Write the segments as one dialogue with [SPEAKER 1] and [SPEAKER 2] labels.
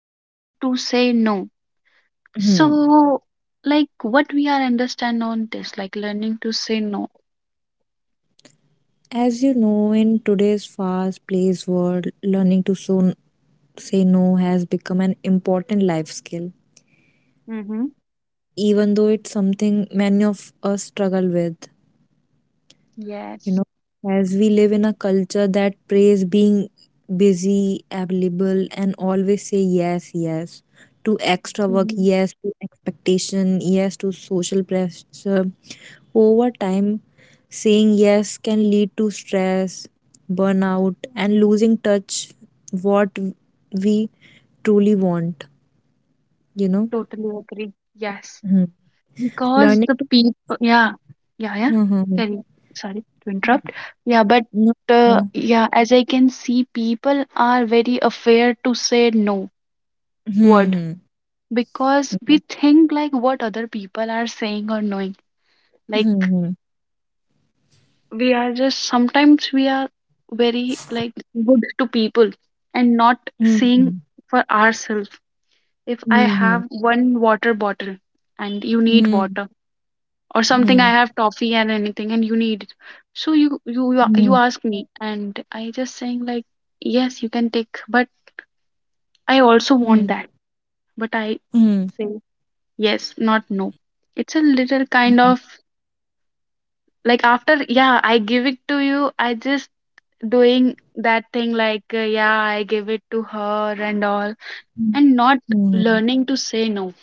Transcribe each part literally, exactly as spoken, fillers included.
[SPEAKER 1] learning to say no.
[SPEAKER 2] Hmm.
[SPEAKER 1] So, like what we are understand on this, like learning to say no.
[SPEAKER 2] As you know, in today's fast paced world, learning to so- say no has become an important life skill,
[SPEAKER 1] Mm-hmm.
[SPEAKER 2] even though it's something many of us struggle with.
[SPEAKER 1] Yes.
[SPEAKER 2] You know, as we live in a culture that praise being busy, available, and always say yes, yes to extra work,
[SPEAKER 1] Mhm.
[SPEAKER 2] yes to expectation, yes to social pressure. Over time, saying yes can lead to stress, burnout, and losing touch what we truly want, you know?
[SPEAKER 1] Totally agree. Yes.
[SPEAKER 2] Mhm.
[SPEAKER 1] Because
[SPEAKER 2] Learning
[SPEAKER 1] the
[SPEAKER 2] to
[SPEAKER 1] people, yeah, yeah, yeah.
[SPEAKER 2] hmm
[SPEAKER 1] Sorry, sorry to interrupt. Yeah, but
[SPEAKER 2] no,
[SPEAKER 1] uh,
[SPEAKER 2] no.
[SPEAKER 1] yeah, as I can see, people are very afraid to say no words.
[SPEAKER 2] Hmm.
[SPEAKER 1] Because
[SPEAKER 2] Yeah.
[SPEAKER 1] we think like what other people are saying or knowing, like
[SPEAKER 2] Hmm.
[SPEAKER 1] we are just sometimes we are very like good to people and not seeing
[SPEAKER 2] Hmm.
[SPEAKER 1] for ourselves. If I
[SPEAKER 2] Hmm. Hmm.
[SPEAKER 1] have one water bottle and you need
[SPEAKER 2] Hmm.
[SPEAKER 1] water, or something
[SPEAKER 2] Hmm.
[SPEAKER 1] I have toffee and anything and you need it. So you you you a- you ask me, and I just saying like yes you can take, but I also
[SPEAKER 2] Hmm.
[SPEAKER 1] want that. But I
[SPEAKER 2] Hmm.
[SPEAKER 1] say yes, not no. It's a little
[SPEAKER 2] Hmm.
[SPEAKER 1] kind of like, after yeah I give it to you, I just doing that thing like, uh, yeah I give it to her and all, and not
[SPEAKER 2] Hmm.
[SPEAKER 1] learning to say no,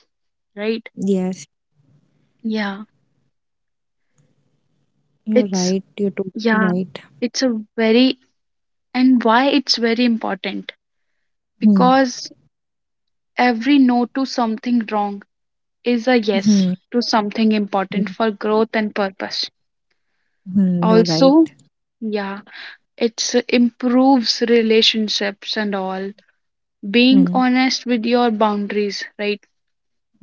[SPEAKER 1] right?
[SPEAKER 2] Yes,
[SPEAKER 1] Yeah,
[SPEAKER 2] you're
[SPEAKER 1] it's
[SPEAKER 2] right. You're totally
[SPEAKER 1] yeah
[SPEAKER 2] right.
[SPEAKER 1] it's a very, and why it's very important,
[SPEAKER 2] Hmm.
[SPEAKER 1] because every no to something wrong is a yes
[SPEAKER 2] Hmm.
[SPEAKER 1] to something important
[SPEAKER 2] Hmm.
[SPEAKER 1] for growth and purpose.
[SPEAKER 2] Hmm. You're
[SPEAKER 1] Also,
[SPEAKER 2] right.
[SPEAKER 1] yeah, it's improves relationships and all being
[SPEAKER 2] Hmm.
[SPEAKER 1] honest with your boundaries, right?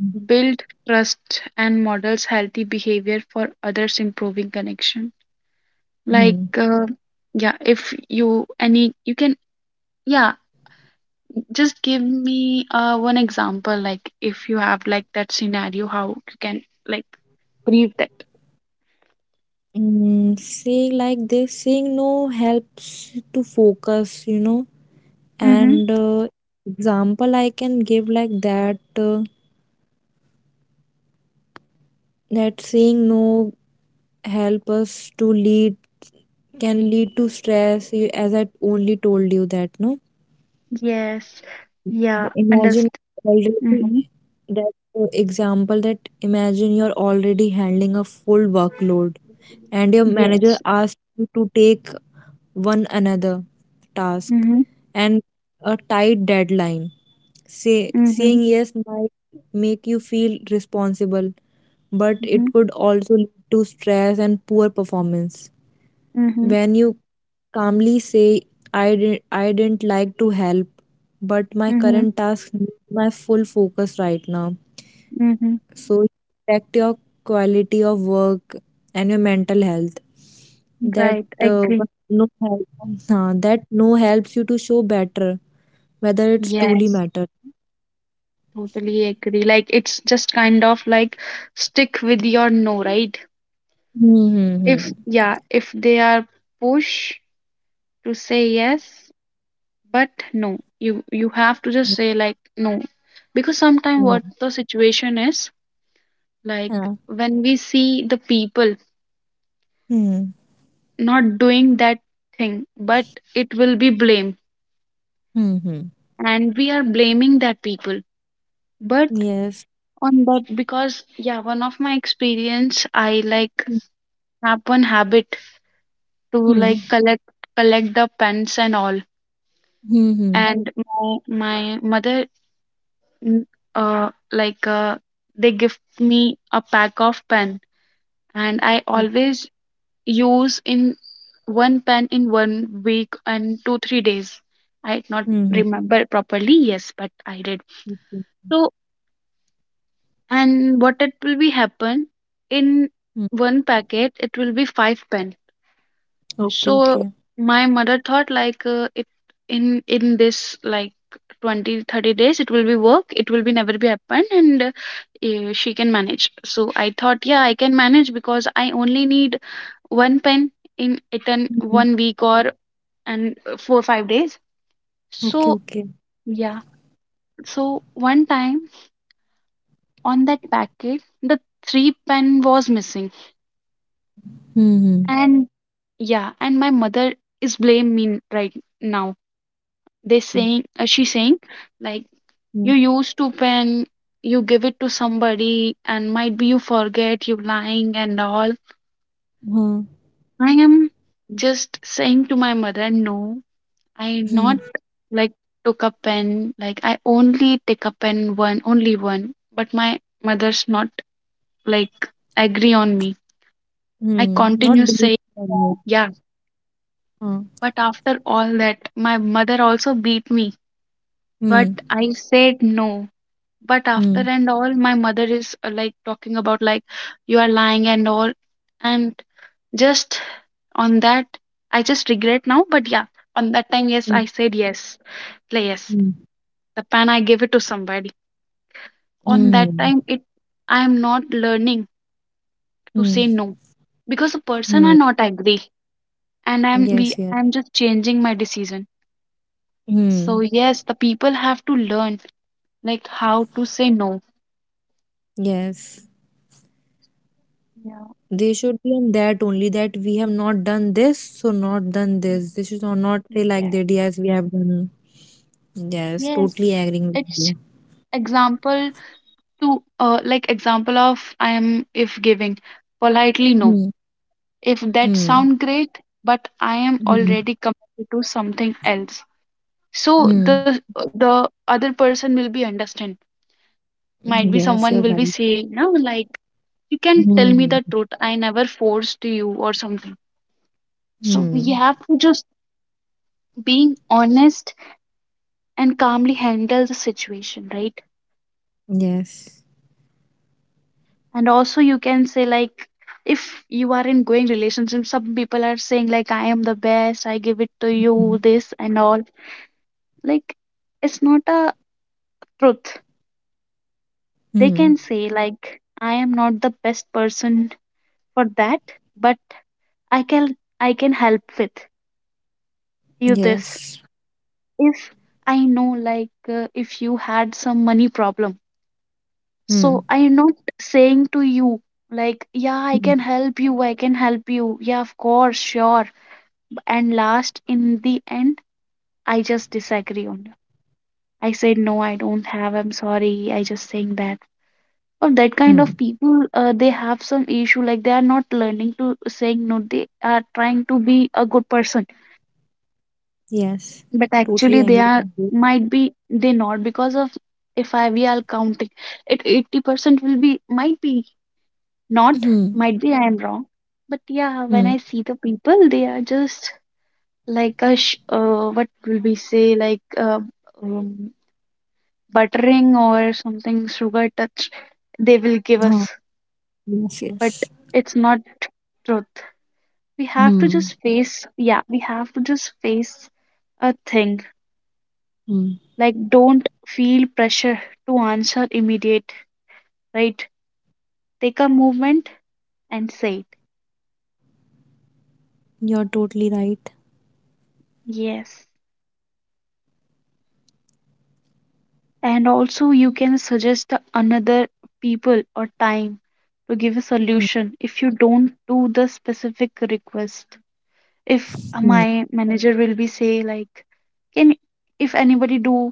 [SPEAKER 2] Hmm.
[SPEAKER 1] Build trust and models healthy behavior for others, improving connection. Like,
[SPEAKER 2] Hmm.
[SPEAKER 1] uh, yeah, if you any, you can, yeah, just give me uh, one example. Like, if you have like that scenario, how you can like brief that.
[SPEAKER 2] Mm, saying like this, saying no helps to focus, you know.
[SPEAKER 1] Mm-hmm.
[SPEAKER 2] And uh, example I can give like that uh, that saying no help us to lead can lead to stress. You, as I only told you that no.
[SPEAKER 1] Yes. Yeah.
[SPEAKER 2] Imagine
[SPEAKER 1] Understand.
[SPEAKER 2] already
[SPEAKER 1] Mm-hmm.
[SPEAKER 2] that uh, example that imagine you're already handling a full workload and your manager
[SPEAKER 1] Yes.
[SPEAKER 2] asks you to take one another task
[SPEAKER 1] Mm-hmm.
[SPEAKER 2] and a tight deadline. Say,
[SPEAKER 1] Mm-hmm.
[SPEAKER 2] saying yes might make you feel responsible, but it could also lead to stress and poor performance.
[SPEAKER 1] Mm-hmm.
[SPEAKER 2] When you calmly say, I, didn't, I didn't like to help, but my
[SPEAKER 1] Mm-hmm.
[SPEAKER 2] current task needs my full focus right now
[SPEAKER 1] Mm-hmm.
[SPEAKER 2] so you affect your quality of work and your mental health. That
[SPEAKER 1] Right.
[SPEAKER 2] uh,
[SPEAKER 1] Agree.
[SPEAKER 2] what no help, हाँ, that no helps you to show better whether it's truly
[SPEAKER 1] Yes.
[SPEAKER 2] matters.
[SPEAKER 1] Totally agree. Like it's just kind of like stick with your no, right? If
[SPEAKER 2] Mm-hmm.
[SPEAKER 1] yeah, if they are push to say yes, but no, you you have to just say like no, because sometimes
[SPEAKER 2] No.
[SPEAKER 1] what the situation is, like
[SPEAKER 2] Yeah.
[SPEAKER 1] when we see the people not doing that thing, but it will be blame,
[SPEAKER 2] Mm-hmm.
[SPEAKER 1] and we are blaming that people. But
[SPEAKER 2] Yes.
[SPEAKER 1] on that, because yeah, one of my experience, I like have one habit to like
[SPEAKER 2] Mm-hmm.
[SPEAKER 1] collect collect the pens and all.
[SPEAKER 2] Mm-hmm.
[SPEAKER 1] And my my mother, mm, uh like uh, they gift me a pack of pen. And I always use in one pen in one week, and two three days I not
[SPEAKER 2] Mm-hmm.
[SPEAKER 1] remember properly, yes but I did.
[SPEAKER 2] Okay.
[SPEAKER 1] So and what it will be happen in
[SPEAKER 2] Mm.
[SPEAKER 1] one packet it will be five pen.
[SPEAKER 2] Okay,
[SPEAKER 1] So
[SPEAKER 2] okay.
[SPEAKER 1] my mother thought like, uh, it in in this like twenty thirty days it will be work, it will be never be happen. And uh, eh, she can manage. So I thought, yeah I can manage, because I only need one pen in it in
[SPEAKER 2] Mm.
[SPEAKER 1] one week, or and uh, four five days. So
[SPEAKER 2] Okay, okay.
[SPEAKER 1] yeah, so one time on that packet the three pen was missing.
[SPEAKER 2] Mm-hmm.
[SPEAKER 1] And yeah, and my mother is blame me right now. They
[SPEAKER 2] Mm-hmm.
[SPEAKER 1] saying, uh, she saying like, you
[SPEAKER 2] Mm.
[SPEAKER 1] used to pen, you give it to somebody and might be you forget, you lying and all.
[SPEAKER 2] Mm-hmm.
[SPEAKER 1] I am
[SPEAKER 2] Mm.
[SPEAKER 1] just saying to my mother no, I
[SPEAKER 2] Hmm.
[SPEAKER 1] not
[SPEAKER 2] Mm. Mm.
[SPEAKER 1] like took a pen, like I only take a pen, one only one. But my mother's not like agree on me.
[SPEAKER 2] Hmm.
[SPEAKER 1] I
[SPEAKER 2] Hmm.
[SPEAKER 1] continue
[SPEAKER 2] Not
[SPEAKER 1] saying
[SPEAKER 2] believe.
[SPEAKER 1] yeah, but after all that my mother also beat me. But
[SPEAKER 2] Mm-hmm.
[SPEAKER 1] I said no. But after
[SPEAKER 2] Mm.
[SPEAKER 1] and all my mother is, uh, like talking about like you are lying and all. And just on that, I just regret now, but yeah, on that time yes
[SPEAKER 2] Mm,
[SPEAKER 1] I said yes, like yes,
[SPEAKER 2] mm.
[SPEAKER 1] the pen I gave it to somebody. On that
[SPEAKER 2] Mm.
[SPEAKER 1] time it, I am not learning to
[SPEAKER 2] Mm.
[SPEAKER 1] say no because the person
[SPEAKER 2] Mm.
[SPEAKER 1] are not agree, and i'm
[SPEAKER 2] Yes,
[SPEAKER 1] we
[SPEAKER 2] yeah.
[SPEAKER 1] I'm just changing my decision.
[SPEAKER 2] Mm.
[SPEAKER 1] So yes, the people have to learn like how to say no.
[SPEAKER 2] Yes.
[SPEAKER 1] Yeah.
[SPEAKER 2] They should be on that only that we have not done this, so not done
[SPEAKER 1] Mm,
[SPEAKER 2] this. They should not not
[SPEAKER 1] mm,
[SPEAKER 2] say like
[SPEAKER 1] yeah.
[SPEAKER 2] that, yes, we have done. Yes,
[SPEAKER 1] Yes,
[SPEAKER 2] totally agreeing with you.
[SPEAKER 1] it's example to, uh, like example of I am if giving politely no,
[SPEAKER 2] Mm.
[SPEAKER 1] if that
[SPEAKER 2] Mm.
[SPEAKER 1] sound great, but I am
[SPEAKER 2] Mm.
[SPEAKER 1] already committed to something else. So
[SPEAKER 2] Mm.
[SPEAKER 1] the the other person will be understand.
[SPEAKER 2] Mm.
[SPEAKER 1] Might be
[SPEAKER 2] Yes,
[SPEAKER 1] someone
[SPEAKER 2] you're
[SPEAKER 1] will be
[SPEAKER 2] right.
[SPEAKER 1] saying no like, you can tell me
[SPEAKER 2] Mm.
[SPEAKER 1] the truth, I never forced you or something. So we
[SPEAKER 2] Mm.
[SPEAKER 1] have to just being honest and calmly handle the situation, right?
[SPEAKER 2] Yes.
[SPEAKER 1] And also you can say like, if you are in going relationship, some people are saying like, I am the best, I give it to
[SPEAKER 2] Mm.
[SPEAKER 1] you, this and all, like it's not a truth. They
[SPEAKER 2] Mm.
[SPEAKER 1] can say like, I am not the best person for that, but i can i can help with you this.
[SPEAKER 2] Yes.
[SPEAKER 1] If I know like, uh, if you had some money problem,
[SPEAKER 2] Mm.
[SPEAKER 1] so I am not saying to you like, yeah I
[SPEAKER 2] Mm.
[SPEAKER 1] can help you, I can help you, yeah of course, sure. And last, in the end, I just disagree on it. I said no, I don't have. I'm sorry. I just saying that. Or that
[SPEAKER 2] Mm.
[SPEAKER 1] kind of people, uh, they have some issue. Like they are not learning to saying no. They are trying to be a good person,
[SPEAKER 2] Yes.
[SPEAKER 1] but
[SPEAKER 2] Totally
[SPEAKER 1] actually
[SPEAKER 2] angry
[SPEAKER 1] they are,
[SPEAKER 2] with you.
[SPEAKER 1] might be they not, because of, if I we are counting it, eighty percent will be, might be not,
[SPEAKER 2] Hmm.
[SPEAKER 1] might be I am wrong. But yeah, when I see the people, they are just like a sh- uh, what will we say like, uh, um, buttering or something, sugar touch they will give
[SPEAKER 2] Hmm.
[SPEAKER 1] us.
[SPEAKER 2] Yes,
[SPEAKER 1] But
[SPEAKER 2] yes.
[SPEAKER 1] it's not truth, we have to
[SPEAKER 2] Mm.
[SPEAKER 1] just face, yeah we have to just face a thing.
[SPEAKER 2] Mm.
[SPEAKER 1] Like don't feel pressure to answer immediate, right? Take a moment and say it.
[SPEAKER 2] You're totally right.
[SPEAKER 1] Yes, and also you can suggest the another people or time to give a
[SPEAKER 2] Mm.
[SPEAKER 1] solution, if you don't do the specific request. If uh,
[SPEAKER 2] Mm.
[SPEAKER 1] my manager will be say like, can, if anybody do,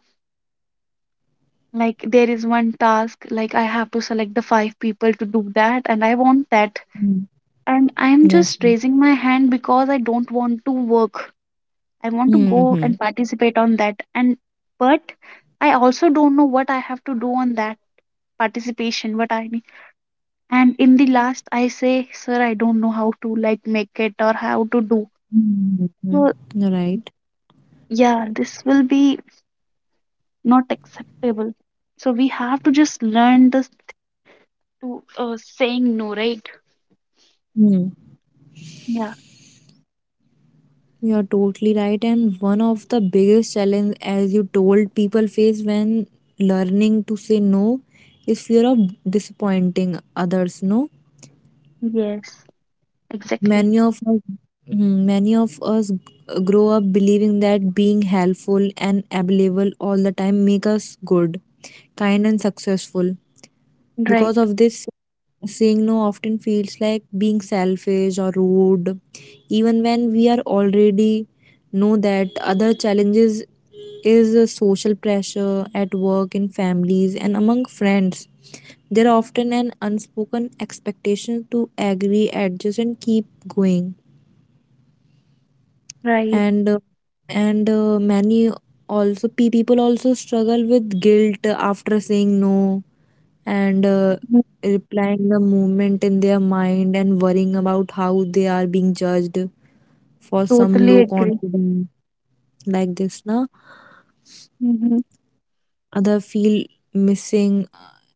[SPEAKER 1] like there is one task, like I have to select the five people to do that, and I want that,
[SPEAKER 2] Mm.
[SPEAKER 1] and I'm
[SPEAKER 2] Yes.
[SPEAKER 1] just raising my hand because I don't want to work. I want to go
[SPEAKER 2] Mm-hmm.
[SPEAKER 1] and participate on that. And but I also don't know what I have to do on that participation, what I need. And in the last, I say, sir, I don't know how to like make it or how to do.
[SPEAKER 2] Mm-hmm.
[SPEAKER 1] So
[SPEAKER 2] You're right.
[SPEAKER 1] yeah, this will be not acceptable. So we have to just learn this to, uh, saying no, right?
[SPEAKER 2] Mm.
[SPEAKER 1] Yeah.
[SPEAKER 2] You're totally right. And one of the biggest challenge, as you told, people face when learning to say no is fear of disappointing others. No,
[SPEAKER 1] Yes. Exactly.
[SPEAKER 2] many of us, Mhm. Many of us grow up believing that being helpful and available all the time make us good, kind, and successful. Because
[SPEAKER 1] Right.
[SPEAKER 2] of this, saying no often feels like being selfish or rude, even when we are already know that other challenges is a social pressure at work, in families, and among friends. There are often an unspoken expectation to agree, adjust, and keep going.
[SPEAKER 1] Right.
[SPEAKER 2] And uh, and uh, many also pe- people also struggle with guilt after saying no and uh,
[SPEAKER 1] Mm.
[SPEAKER 2] replying the movement in their mind and worrying about how they are being judged for some
[SPEAKER 1] Totally
[SPEAKER 2] low
[SPEAKER 1] agree.
[SPEAKER 2] confidence like this na
[SPEAKER 1] Hmm.
[SPEAKER 2] other feel missing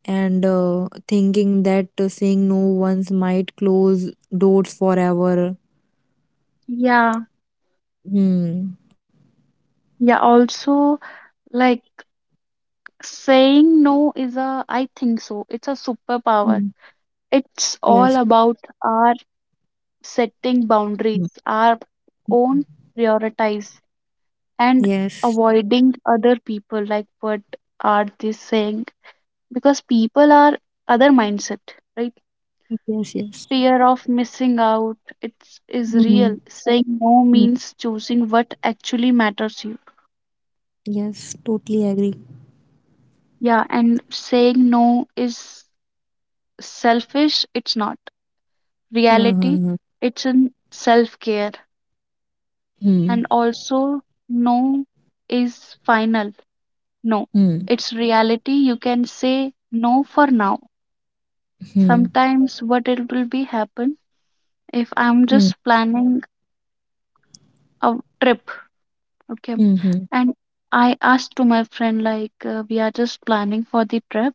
[SPEAKER 2] and uh, thinking that uh, saying no once might close doors forever.
[SPEAKER 1] Yeah.
[SPEAKER 2] Hmm.
[SPEAKER 1] Yeah. Also, like, saying no is a, I think so, it's a superpower.
[SPEAKER 2] Hmm.
[SPEAKER 1] It's all
[SPEAKER 2] Yes.
[SPEAKER 1] about our setting
[SPEAKER 2] Hmm.
[SPEAKER 1] boundaries, our own prioritize, and
[SPEAKER 2] Yes.
[SPEAKER 1] avoiding other people. Like, what are they saying? Because people are other mindset, right?
[SPEAKER 2] Yes. Yes.
[SPEAKER 1] Fear of missing out, it's is
[SPEAKER 2] Hmm.
[SPEAKER 1] real. Saying no
[SPEAKER 2] Hmm.
[SPEAKER 1] means choosing what actually matters you.
[SPEAKER 2] Yes, totally agree.
[SPEAKER 1] Yeah, and saying no is selfish, it's not. Reality,
[SPEAKER 2] Hmm.
[SPEAKER 1] it's in self care. And
[SPEAKER 2] Hmm.
[SPEAKER 1] also, no is final. No,
[SPEAKER 2] Hmm.
[SPEAKER 1] it's reality. You can say no for now.
[SPEAKER 2] Hmm.
[SPEAKER 1] Sometimes, what it will be happen if I'm
[SPEAKER 2] Hmm.
[SPEAKER 1] just planning a trip, okay.
[SPEAKER 2] Hmm. Hmm.
[SPEAKER 1] And I asked to my friend like, uh, we are just planning for the trip.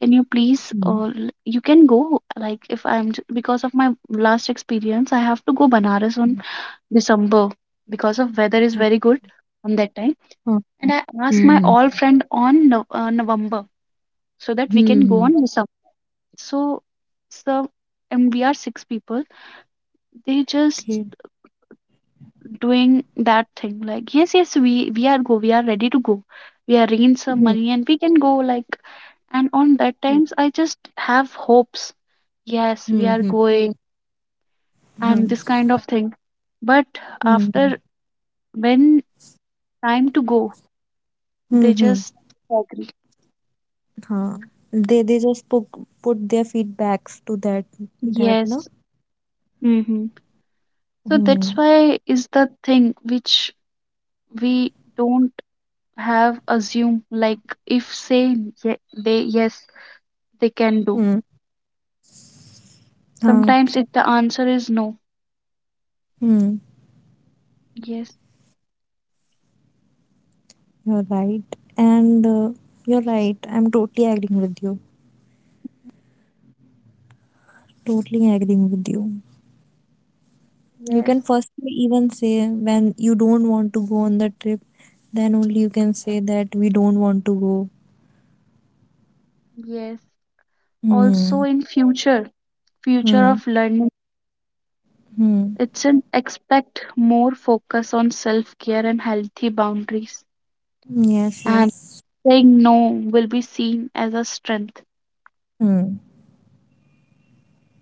[SPEAKER 1] Can you
[SPEAKER 2] Hmm.
[SPEAKER 1] please, or you can go, like if I'm j- because of my last experience I have to go Banaras
[SPEAKER 2] Hmm.
[SPEAKER 1] on December, because of weather is
[SPEAKER 2] Huh,
[SPEAKER 1] very good on that time.
[SPEAKER 2] Hmm.
[SPEAKER 1] And I asked my
[SPEAKER 2] Mhm.
[SPEAKER 1] all friend on Nov- uh, November, so that we can go
[SPEAKER 2] hmm.
[SPEAKER 1] on December. So, so and we are six people. They just
[SPEAKER 2] Okay.
[SPEAKER 1] doing that thing like, yes, yes, we we are go, we are ready to go. We arrange some
[SPEAKER 2] hmm.
[SPEAKER 1] money and we can go like. And on that
[SPEAKER 2] hmm.
[SPEAKER 1] times, I just have hopes. Yes, we are going and
[SPEAKER 2] Mhm.
[SPEAKER 1] this kind of thing. But
[SPEAKER 2] hmm.
[SPEAKER 1] after, when time to go,
[SPEAKER 2] hmm.
[SPEAKER 1] they
[SPEAKER 2] hmm.
[SPEAKER 1] just agree.
[SPEAKER 2] हाँ. They they just put put their feedbacks to that that no.
[SPEAKER 1] Yes. Mm-hmm. So that's
[SPEAKER 2] Hmm.
[SPEAKER 1] why is the thing which we don't have assume like, if say ye- they yes, they can do.
[SPEAKER 2] Hmm. Hmm.
[SPEAKER 1] Sometimes if the answer is no.
[SPEAKER 2] Hmm.
[SPEAKER 1] Yes.
[SPEAKER 2] You're right, and uh, you're right. I'm totally agreeing with you. Totally agreeing with you. You
[SPEAKER 1] Yes.
[SPEAKER 2] can first even say when you don't want to go on the trip, then only you can say that we don't want to go.
[SPEAKER 1] Yes. Also
[SPEAKER 2] Hmm.
[SPEAKER 1] in future, future
[SPEAKER 2] Hmm.
[SPEAKER 1] of learning,
[SPEAKER 2] Hmm.
[SPEAKER 1] it's an expect more focus on self-care and healthy boundaries.
[SPEAKER 2] Yes,
[SPEAKER 1] And
[SPEAKER 2] yes.
[SPEAKER 1] saying no will be seen as a strength.
[SPEAKER 2] Hmm.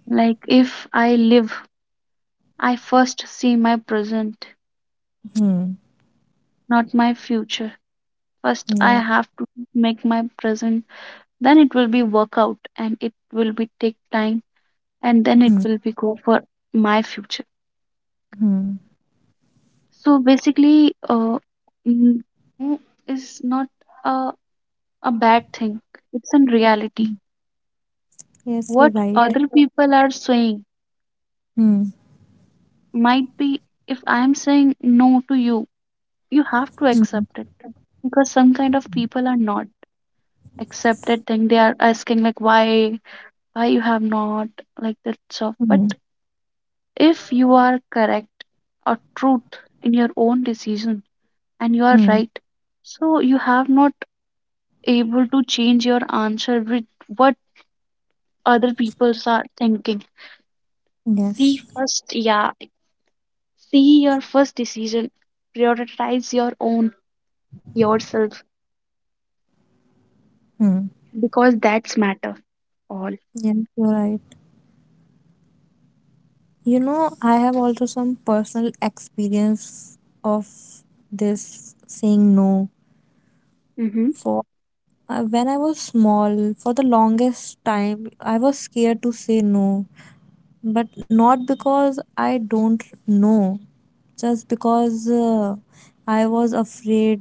[SPEAKER 1] Like if I live, I first see my present,
[SPEAKER 2] Hmm.
[SPEAKER 1] not my future. First, I
[SPEAKER 2] Yeah.
[SPEAKER 1] have to make my present, then it will be work out and it will be take time, and then
[SPEAKER 2] Hmm.
[SPEAKER 1] it will be go for my future.
[SPEAKER 2] Hmm.
[SPEAKER 1] So basically, uh, mm, no is not a, a bad thing. It's in
[SPEAKER 2] Hmm.
[SPEAKER 1] reality.
[SPEAKER 2] Yes, you're
[SPEAKER 1] What
[SPEAKER 2] right.
[SPEAKER 1] other people are saying,
[SPEAKER 2] Hmm.
[SPEAKER 1] might be if I am saying no to you, you have to
[SPEAKER 2] Hmm.
[SPEAKER 1] accept it, because some kind of people are not accepted thing, they are asking like why why you have not, like that stuff.
[SPEAKER 2] Hmm.
[SPEAKER 1] But if you are correct or truth in your own decision and you are
[SPEAKER 2] Hmm.
[SPEAKER 1] right, so you have not able to change your answer with what other people are thinking. See
[SPEAKER 2] Yes.
[SPEAKER 1] first, yeah see your first decision, prioritize your own yourself,
[SPEAKER 2] Hmm.
[SPEAKER 1] because that's matter all.
[SPEAKER 2] Yes, you're right. You know, I have also some personal experience of this saying no.
[SPEAKER 1] Mm-hmm.
[SPEAKER 2] For uh, When I was small, for the longest time, I was scared to say no but not because I don't know, just because uh, I was afraid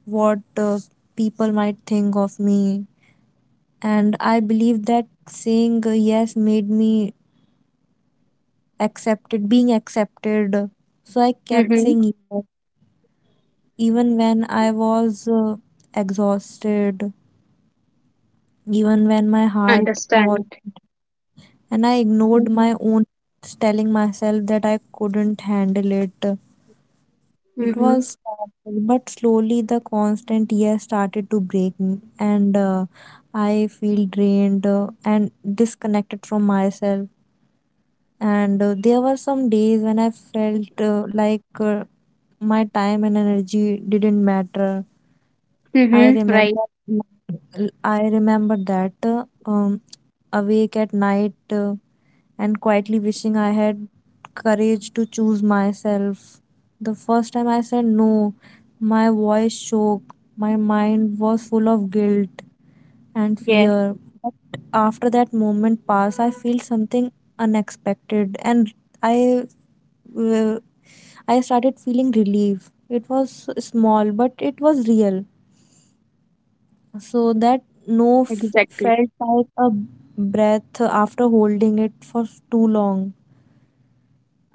[SPEAKER 2] what uh, people might think of me. And I believe that saying uh, yes made me accepted, being accepted. So I kept
[SPEAKER 1] Mm-hmm.
[SPEAKER 2] saying yes, even when I was uh, exhausted, even when my heart was.
[SPEAKER 1] Understand.
[SPEAKER 2] And I ignored
[SPEAKER 1] Mhm.
[SPEAKER 2] my own, telling myself that I couldn't handle it. It
[SPEAKER 1] Mm-hmm.
[SPEAKER 2] was stressful, but slowly the constant years started to break me, and uh, I feel drained uh, and disconnected from myself. And uh, there were some days when I felt uh, like uh, my time and energy didn't matter. I
[SPEAKER 1] Mm-hmm. Right.
[SPEAKER 2] remember, I remember that uh, um, awake at night. Uh, and quietly wishing I had courage to choose myself. The first time I said no, my voice shook, my mind was full of guilt and
[SPEAKER 1] Yes,
[SPEAKER 2] fear. But after that moment passed, I feel something unexpected and I uh, I started feeling relief. It was small, but it was real. So that no f-
[SPEAKER 1] exactly.
[SPEAKER 2] felt like a breath after holding it for too long.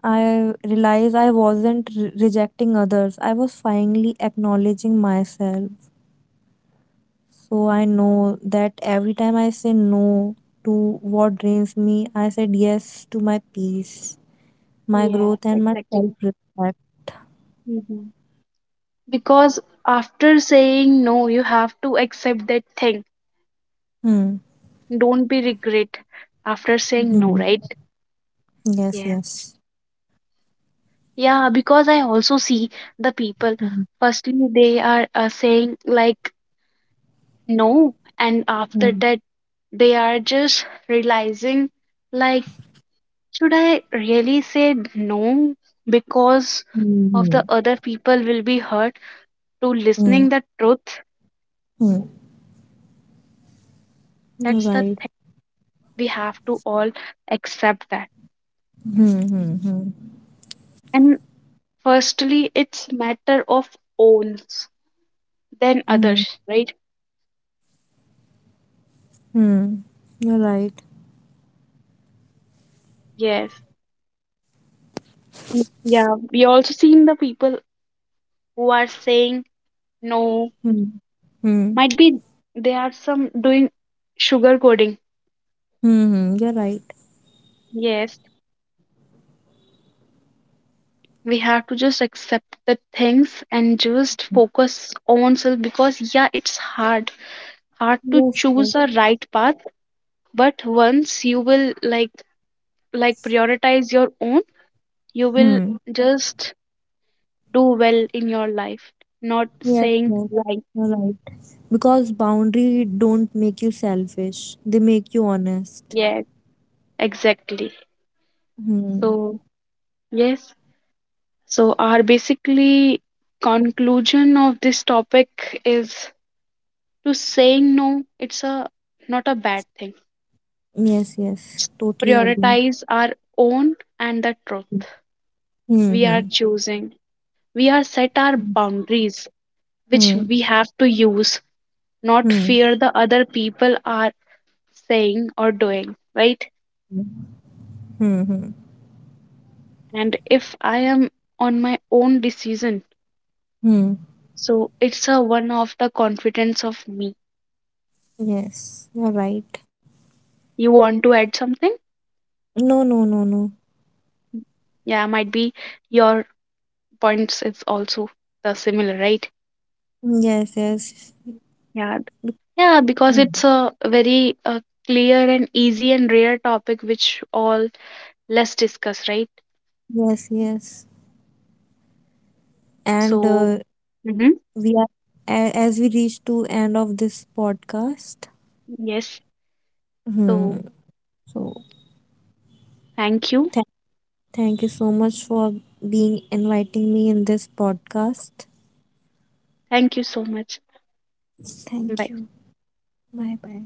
[SPEAKER 2] I realized I wasn't re- rejecting others. I was finally acknowledging myself. So I know that every time I say no to what drains me, I said yes to my peace, my
[SPEAKER 1] Yes,
[SPEAKER 2] growth, and my self
[SPEAKER 1] exactly.
[SPEAKER 2] respect.
[SPEAKER 1] Hmm. Because after saying no, you have to accept that thing.
[SPEAKER 2] Hmm.
[SPEAKER 1] Don't be regret after saying
[SPEAKER 2] Hmm.
[SPEAKER 1] no, right?
[SPEAKER 2] Yes,
[SPEAKER 1] Yes.
[SPEAKER 2] yes.
[SPEAKER 1] Yeah, because I also see the people,
[SPEAKER 2] Hmm.
[SPEAKER 1] firstly, they are uh, saying like no, and after
[SPEAKER 2] Hmm.
[SPEAKER 1] that, they are just realizing like, should I really say no, because of
[SPEAKER 2] Hmm.
[SPEAKER 1] the other people will be hurt to
[SPEAKER 2] Hmm.
[SPEAKER 1] listening the truth?
[SPEAKER 2] Hmm. You're
[SPEAKER 1] That's the
[SPEAKER 2] right.
[SPEAKER 1] thing. We have to all accept that.
[SPEAKER 2] Hmm. Hmm. Hmm.
[SPEAKER 1] And firstly, it's matter of owns, then
[SPEAKER 2] Hmm.
[SPEAKER 1] others, right?
[SPEAKER 2] Hmm. You're right.
[SPEAKER 1] Yes. Mm. Yeah. We also seen the people who are saying no.
[SPEAKER 2] Hmm. Hmm.
[SPEAKER 1] Might be they are some doing sugar coding.
[SPEAKER 2] Hmm. Hmm. You're right.
[SPEAKER 1] Yes. We have to just accept the things and just
[SPEAKER 2] Hmm.
[SPEAKER 1] focus on self, because yeah, it's hard. Hard to
[SPEAKER 2] Yes, yes.
[SPEAKER 1] choose a right path, but once you will like like prioritize your own, you will
[SPEAKER 2] Hmm.
[SPEAKER 1] just do well in your life, not
[SPEAKER 2] Yes,
[SPEAKER 1] saying
[SPEAKER 2] yes.
[SPEAKER 1] like,
[SPEAKER 2] You're right. Because boundary don't make you selfish. They make you honest.
[SPEAKER 1] yeah, exactly.
[SPEAKER 2] Hmm.
[SPEAKER 1] So, yes, so our basically conclusion of this topic is, to saying no, it's a not a bad thing.
[SPEAKER 2] Yes, yes. Totally agree.
[SPEAKER 1] Prioritize our own and the truth we are
[SPEAKER 2] Hmm.
[SPEAKER 1] choosing. We are set our
[SPEAKER 2] Hmm.
[SPEAKER 1] boundaries, which
[SPEAKER 2] Hmm.
[SPEAKER 1] we have to use, not
[SPEAKER 2] Hmm.
[SPEAKER 1] fear the other people are saying or doing, right?
[SPEAKER 2] Hmm. Hmm.
[SPEAKER 1] And if I am on my own decision,
[SPEAKER 2] Hmm.
[SPEAKER 1] so it's a one of the confidence of me.
[SPEAKER 2] Yes, you're right.
[SPEAKER 1] You want to add something?
[SPEAKER 2] No, no, no, no.
[SPEAKER 1] Yeah, might be your points is also the similar, right?
[SPEAKER 2] Yes, yes.
[SPEAKER 1] Yeah,
[SPEAKER 2] Be-
[SPEAKER 1] yeah, because
[SPEAKER 2] Hmm.
[SPEAKER 1] it's a very uh, clear and easy and rare topic which all less discuss, right?
[SPEAKER 2] Yes, yes. And
[SPEAKER 1] So.
[SPEAKER 2] uh,
[SPEAKER 1] Hmm.
[SPEAKER 2] we are a- as we reach to end of this podcast.
[SPEAKER 1] Yes, so
[SPEAKER 2] Hmm. So.
[SPEAKER 1] thank you.
[SPEAKER 2] Thank you so much for being inviting me in this podcast.
[SPEAKER 1] Thank you so much.
[SPEAKER 2] Thank
[SPEAKER 1] Bye.
[SPEAKER 2] you. Bye bye.